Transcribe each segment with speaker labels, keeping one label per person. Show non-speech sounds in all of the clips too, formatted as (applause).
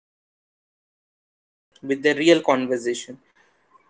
Speaker 1: break down a big idea with the real conversation.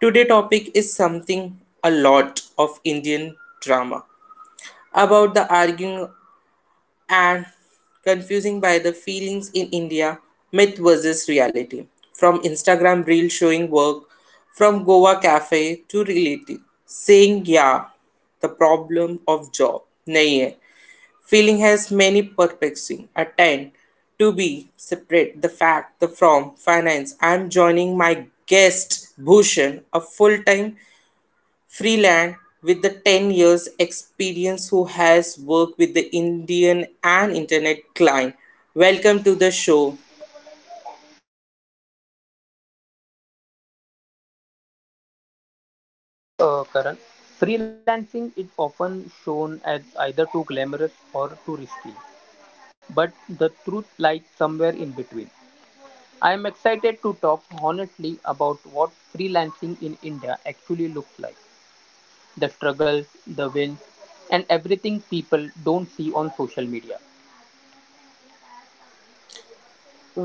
Speaker 1: Today topic is something a lot of Indian drama about the arguing and confusing by the feelings in India, myth versus reality. From Instagram reel showing work, from Goa cafe to reality, saying yeah, the problem of job नहीं है Feeling has many perplexing attempt to be separate the fact the from finance. I am joining my guest Bhushan, a full-time freelance with the 10 years experience who has worked with the Indian and internet client. Welcome to the show.
Speaker 2: Karan, freelancing is often shown as either too glamorous or too risky, but the truth lies somewhere in between. I am excited to talk honestly about what freelancing in India actually looks like, the struggles, the wins, and everything people don't see on social media.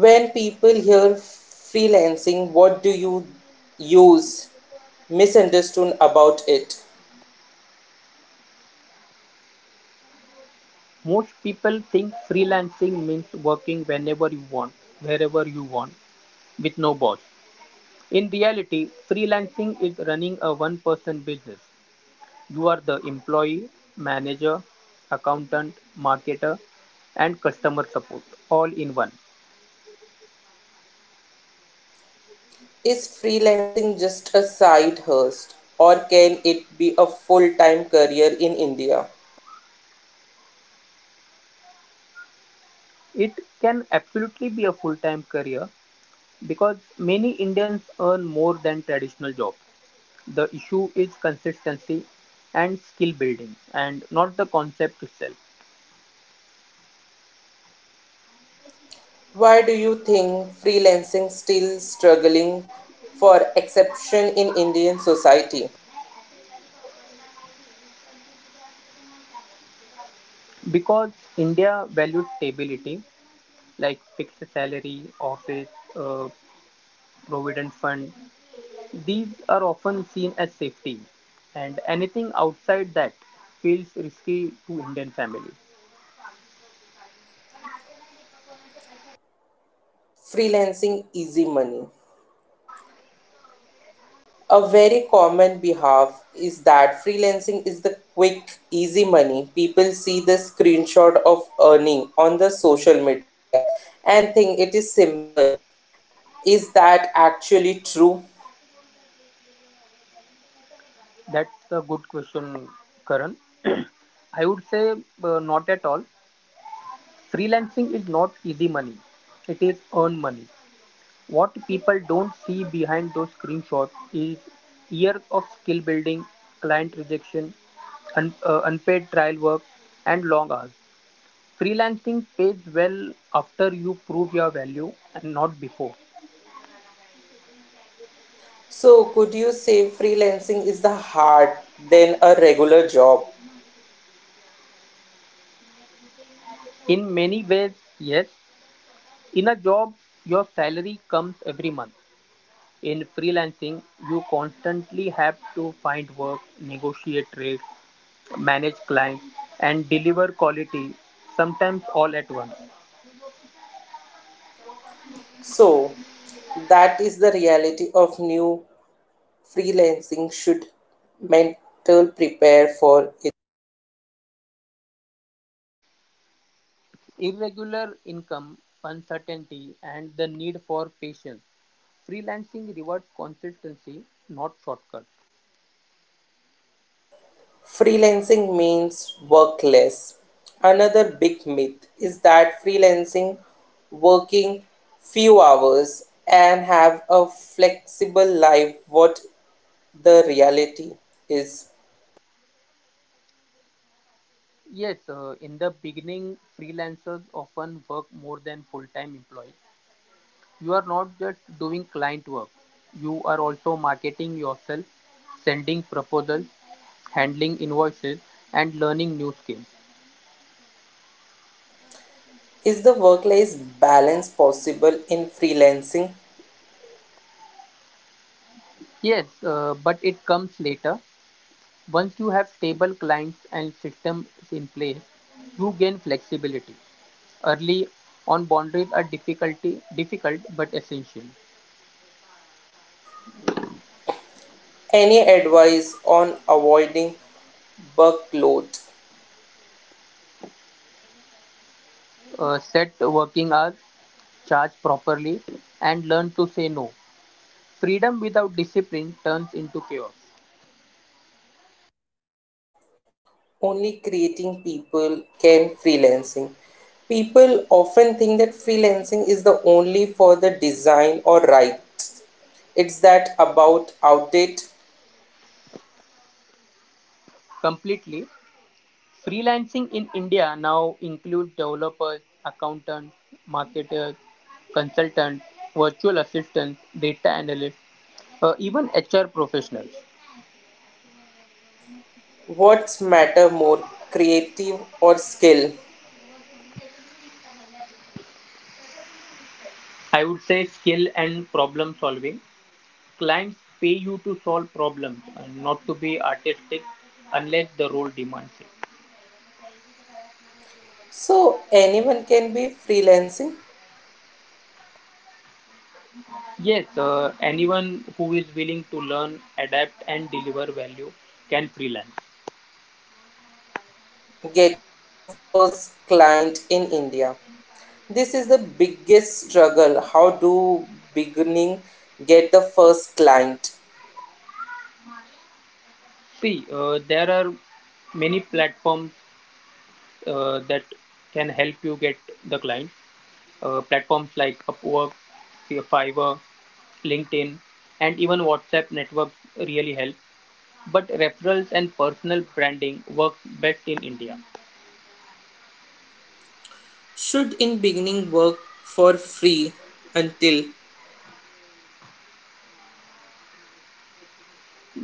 Speaker 1: When people hear freelancing, what do you use misunderstood about it?
Speaker 2: Most people think freelancing means working whenever you want, wherever you want, with no boss. In reality, freelancing is running a one person business. You are the employee, manager, accountant, marketer, and customer support all in one.
Speaker 1: Is freelancing just a side hustle or can it be a full-time career in India?
Speaker 2: It can absolutely be a full time career because many Indians earn more than traditional jobs. The issue is consistency and skill building and not the concept itself.
Speaker 1: Why do you think freelancing still struggling for exception in Indian society?
Speaker 2: Because India values stability like fixed salary, office, uh, provident fund. These are often seen as safety, and anything outside that feels risky to Indian families.
Speaker 1: Freelancing easy money. A very common behalf is that freelancing is the quick easy money. People see the screenshot of earning on the social media and think it is simple. Is that actually true?
Speaker 2: That's a good question, Karan. (clears throat) I would say not at all. Freelancing is not easy money, it is earned money. What people don't see behind those screenshots is years of skill building, client rejection, unpaid trial work, and long hours. Freelancing pays well after you prove your value and not before.
Speaker 1: So, could you say freelancing is the hard than a regular job?
Speaker 2: In many ways, yes. In a job, your salary comes every month. In freelancing, you constantly have to find work, negotiate rates, manage clients, and deliver quality, sometimes all at once.
Speaker 1: So, that is the reality of new freelancing should mental prepare for it.
Speaker 2: Irregular income, uncertainty, and the need for patience. Freelancing rewards consistency, not shortcuts.
Speaker 1: Freelancing means work less. Another big myth is that freelancing working few hours and have a flexible life. What the reality is
Speaker 2: Yes, in the beginning, freelancers often work more than full time employees. You are not just doing client work, you are also marketing yourself, sending proposals, handling invoices, and learning new skills.
Speaker 1: is the work life balance possible in freelancing?
Speaker 2: Yes, but it comes later. Once you have stable clients and systems in place, you gain flexibility. Early on, boundaries are difficult but essential.
Speaker 1: Any advice on avoiding workload?
Speaker 2: Set working hours, charge properly, and learn to say no. Freedom without discipline turns into chaos
Speaker 1: Only creating people can freelancing. People often think that freelancing is the only for the design or write. It's that about outdate.
Speaker 2: completely. Freelancing in India now includes developers, accountants, marketers, consultants, virtual assistants, data analysts, even HR professionals.
Speaker 1: What's matter more, creative or skill?
Speaker 2: I would say skill and problem solving. Clients pay you to solve problems and not to be artistic unless the role demands it.
Speaker 1: So anyone can be freelancing.
Speaker 2: Yes, anyone who is willing to learn, adapt, and deliver value can freelance.
Speaker 1: Getting your first client in India. This is the biggest struggle. How do beginning get the first client?
Speaker 2: See, there are many platforms that can help you get the client. Platforms like Upwork, Fiverr, LinkedIn, and even WhatsApp networks really help. But referrals and personal branding works best in India.
Speaker 1: Should in beginning work for free until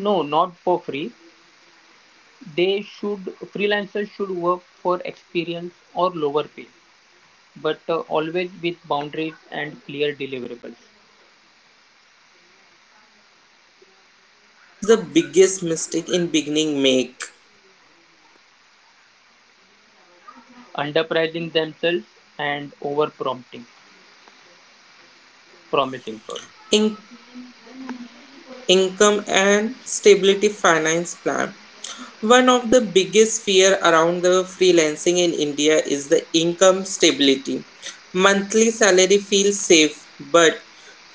Speaker 2: No, not for free. They should freelancers should work for experience or lower pay but always with boundaries and clear deliverables,
Speaker 1: so what is the biggest mistake in beginning make?
Speaker 2: underpricing themselves and over promising. Sorry.
Speaker 1: In income and stability finance plan, one of the biggest fear around the freelancing in India is the income stability monthly salary feels safe but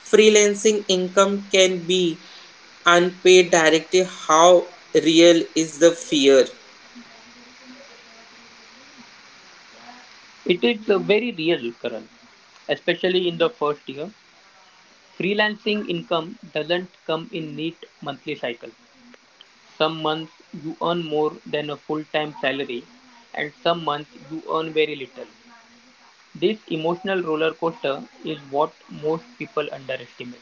Speaker 1: freelancing income can be unpaid directly. How real is the fear,
Speaker 2: It is very real, Karan, especially in the first year. Freelancing income doesn't come in neat monthly cycles. Some months you earn more than a full time salary, and some months you earn very little. This emotional roller coaster is what most people underestimate.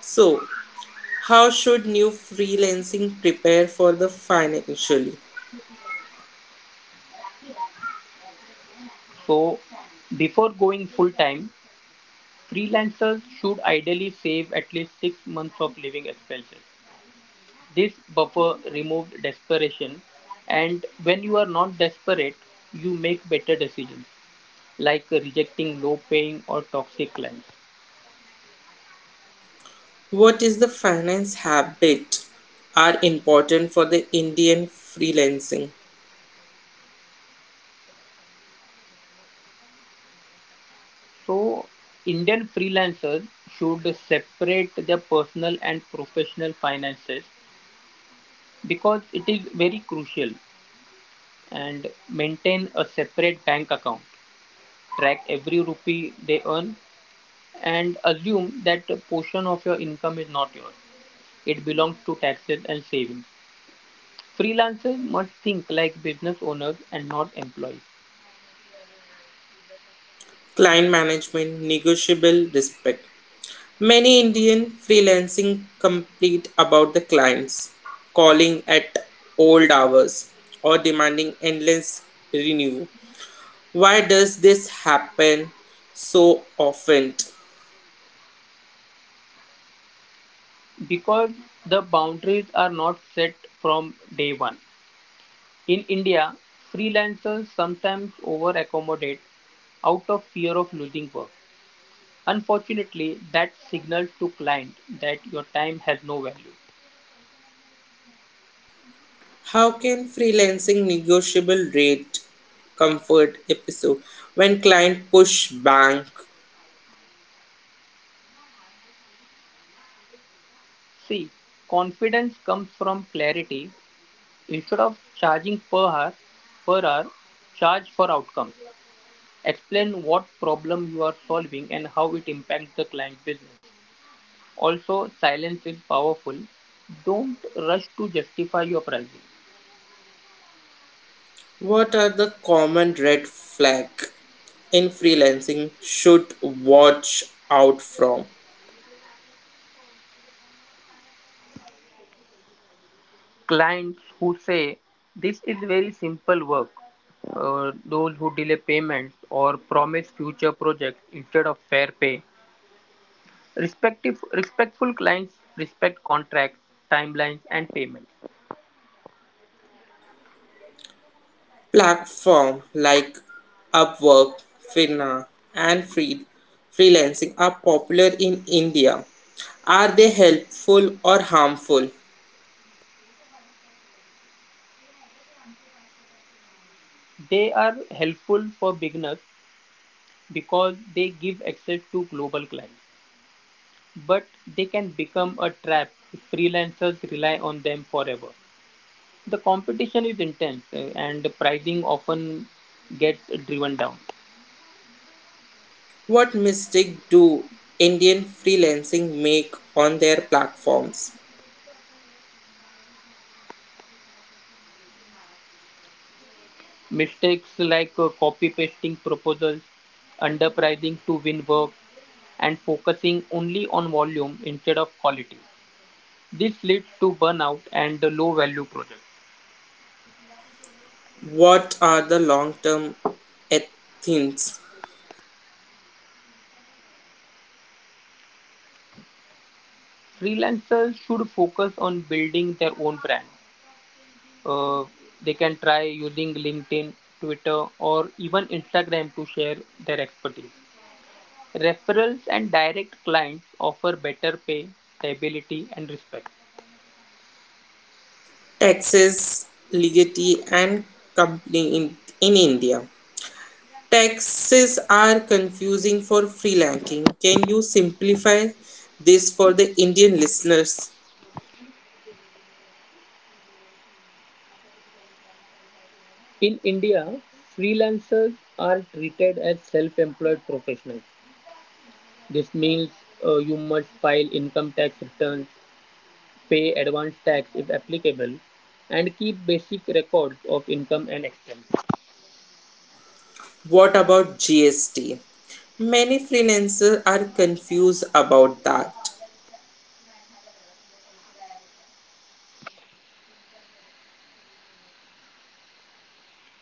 Speaker 1: so how should new freelancing prepare for the financially?
Speaker 2: So, before going full time, freelancers should ideally save at least 6 months of living expenses. This buffer removed desperation, and when you are not desperate, you make better decisions like rejecting low paying or toxic clients.
Speaker 1: What is the finance habit are important for the Indian freelancing?
Speaker 2: So, Indian freelancers should separate their personal and professional finances because it is very crucial and maintain a separate bank account. Track every rupee they earn and assume that a portion of your income is not yours. It belongs to taxes and savings. Freelancers must think like business owners and not employees
Speaker 1: Client management, negotiable respect. Many Indian freelancing complain about the clients calling at old hours or demanding endless renew. Why does this happen so often?
Speaker 2: because the boundaries are not set from day one. In India, freelancers sometimes over accommodate out of fear of losing work. Unfortunately, that signals to clients that your time has no value.
Speaker 1: How can freelancing negotiable rate comfort episode when client push bank?
Speaker 2: See, confidence comes from clarity. Instead of charging per hour, charge for outcome. Explain what problem you are solving and how it impacts the client business. Also, silence is powerful. Don't rush to justify your pricing.
Speaker 1: What are the common red flag in freelancing should watch out from?
Speaker 2: Clients who say this is very simple work, those who delay payments or promise future projects instead of fair pay. Respectful clients respect contracts, timelines, and payments.
Speaker 1: Platform like Upwork, Finna, and Free freelancing are popular in India. Are they helpful or harmful?
Speaker 2: They are helpful for beginners because they give access to global clients, but they can become a trap if freelancers rely on them forever. The competition is intense and the pricing often gets driven down.
Speaker 1: What mistake do Indian freelancing make on their platforms?
Speaker 2: Mistakes like copy pasting proposals, underpricing to win work, and focusing only on volume instead of quality. This leads to burnout and low value projects.
Speaker 1: What are the long-term ethics?
Speaker 2: Freelancers should focus on building their own brand. Uh, they can try using LinkedIn, Twitter, or even Instagram to share their expertise. Referrals and direct clients offer better pay, stability, and respect.
Speaker 1: Taxes, legacy, and company in India. Taxes are confusing for freelancing. Can you simplify this for the Indian listeners?
Speaker 2: In India, freelancers are treated as self employed professionals. This means you must file income tax returns, pay advance tax if applicable, and keep basic records of income and expenses.
Speaker 1: What about GST? Many freelancers are confused about that.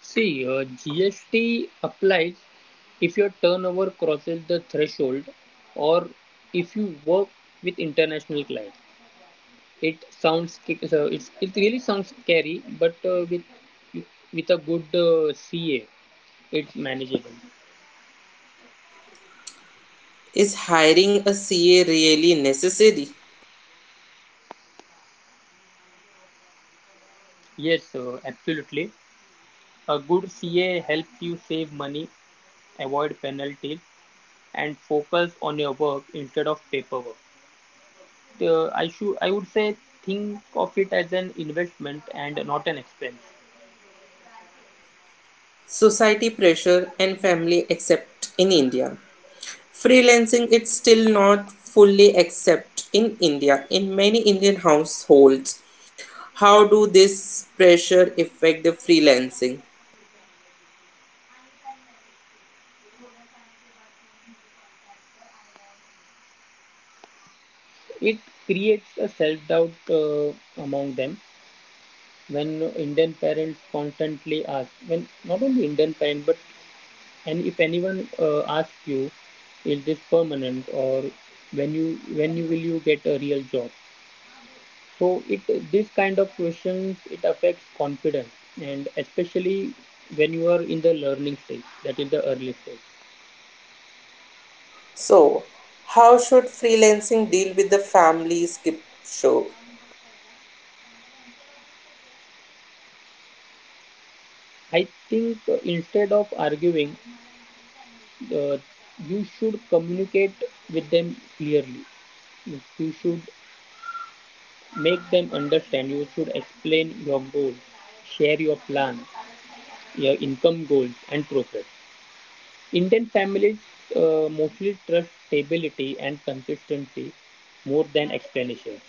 Speaker 2: See, GST applies if your turnover crosses the threshold or if you work with international clients. It sounds it really sounds scary, but with a good CA, it's manageable.
Speaker 1: Is hiring a CA really necessary?
Speaker 2: Yes, absolutely. A good CA helps you save money, avoid penalties, and focus on your work instead of paperwork. I would say think of it as an investment and not an expense.
Speaker 1: Society pressure and family accept in India freelancing. It's still not fully accept in India in many Indian households. How do this pressure affect the freelancing,
Speaker 2: It creates a self doubt among them when Indian parents constantly ask, when not only Indian parents but and if anyone asks you, is this permanent or when you when you will you get a real job. So it this kind of questions, it affects confidence, and especially when you are in the learning stage, that is the early stage.
Speaker 1: so how should freelancing deal with the family skip show
Speaker 2: I think instead of arguing, uh, you should communicate with them clearly. You should make them understand. You should explain your goals, share your plan, your income goals, and progress. Indian families mostly trust stability and consistency more than explanations.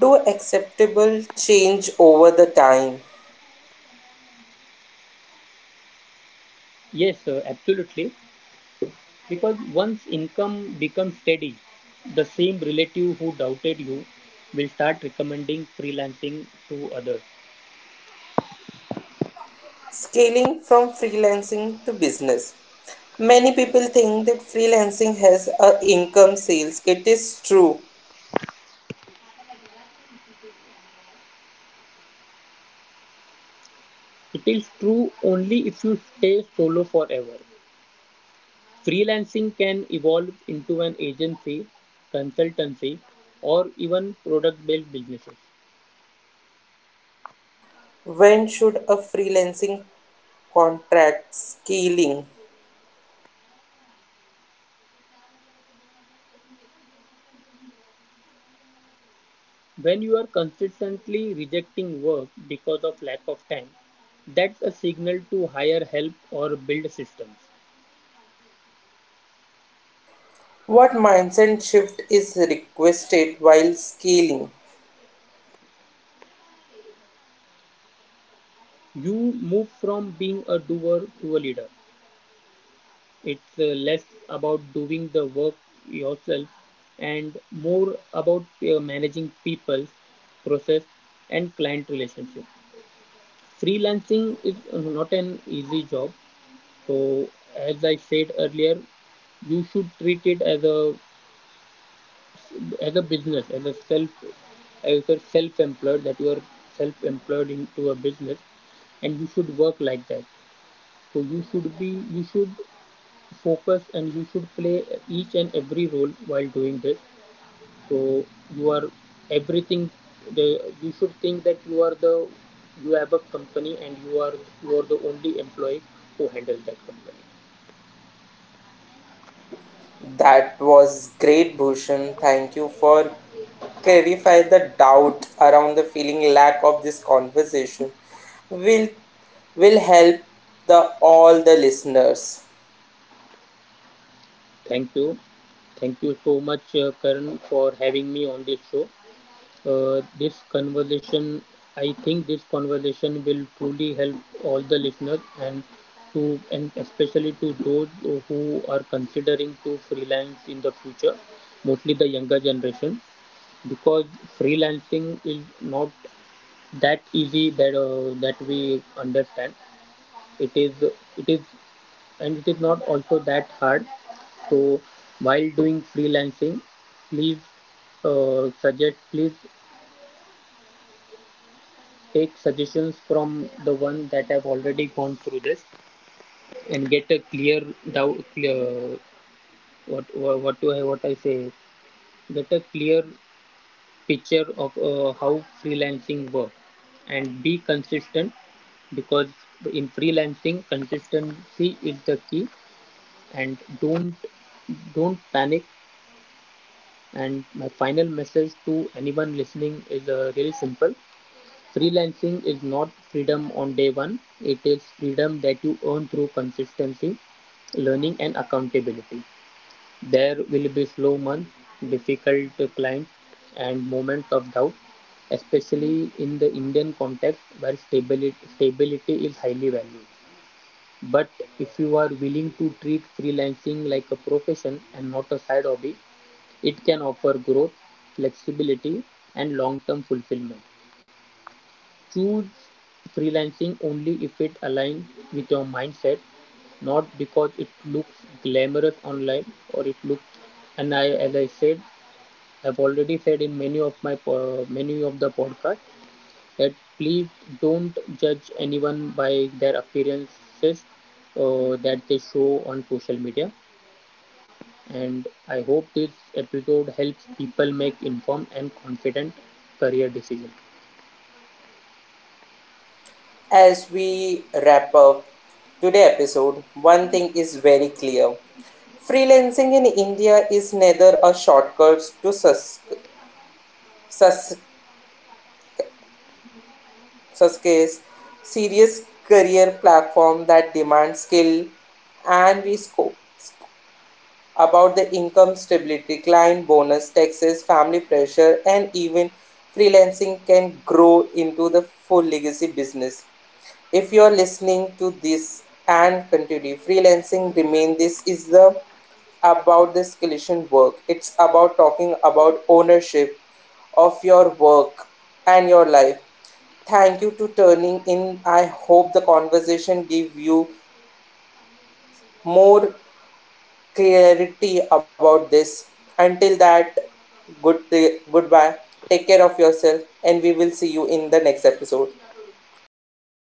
Speaker 1: do acceptable change over the time?
Speaker 2: Yes, absolutely. Because once income becomes steady, the same relative who doubted you will start recommending freelancing to others.
Speaker 1: Scaling from freelancing to business. Many people think that freelancing has a income sales. It is true.
Speaker 2: It is true only if you stay solo forever. Freelancing can evolve into an agency, consultancy, or even product based businesses.
Speaker 1: When should a freelancing contract scaling?
Speaker 2: When you are consistently rejecting work because of lack of time, that's a signal to hire help or build systems.
Speaker 1: What mindset shift is requested while scaling?
Speaker 2: You move from being a doer to a leader. It's less about doing the work yourself and more about managing people's process and client relationship. Freelancing is not an easy job. So as I said earlier, you should treat it as a business, as a self-employed, that you are self-employed into a business, and you should work like that. So you should focus, and you should play each and every role while doing this. So you are everything. The you should think that you are the you have a company, and you are the only employee who handles that company.
Speaker 1: That was great Bhushan. Thank you for clarify the doubt around the feeling lack of this conversation will will help the all the listeners.
Speaker 2: Thank you, thank you so much, Karan, for having me on this show. This conversation, I think this conversation will truly help all the listeners and especially to those who are considering to freelance in the future, mostly the younger generation, because freelancing is not that easy that we understand. It is it is, and it is not also that hard. So while doing freelancing, please suggest please take suggestions from the one that have already gone through this and get a clear doubt clear what do I what I say get a clear picture of how freelancing works, and be consistent because in freelancing consistency is the key, and don't panic. And my final message to anyone listening is really simple. Freelancing is not freedom on day one, it is freedom that you earn through consistency, learning, and accountability. There will be slow months, difficult clients, and moments of doubt, especially in the Indian context where stability is highly valued. But if you are willing to treat freelancing like a profession and not a side hobby, it can offer growth, flexibility, and long term fulfillment. Choose freelancing only if it aligns with your mindset, not because it looks glamorous online or it looks. And I, as I said, I've already said in many of many of the podcasts that please don't judge anyone by their appearances that they show on social media. And I hope this episode helps people make informed and confident career decisions.
Speaker 1: As we wrap up today's episode, one thing is very clear. Freelancing in India is neither a shortcut to sus- success, serious career platform that demands skill and we scope, about the income stability, client bonus, taxes, family pressure, and even freelancing can grow into the full legacy business. If you are listening to this and continue, freelancing remain this is the about the skeleton work. It's about talking about ownership of your work and your life. Thank you to turning in. I hope the conversation give you more clarity about this. Until that, good goodbye. Take care of yourself, and we will see you in the next episode.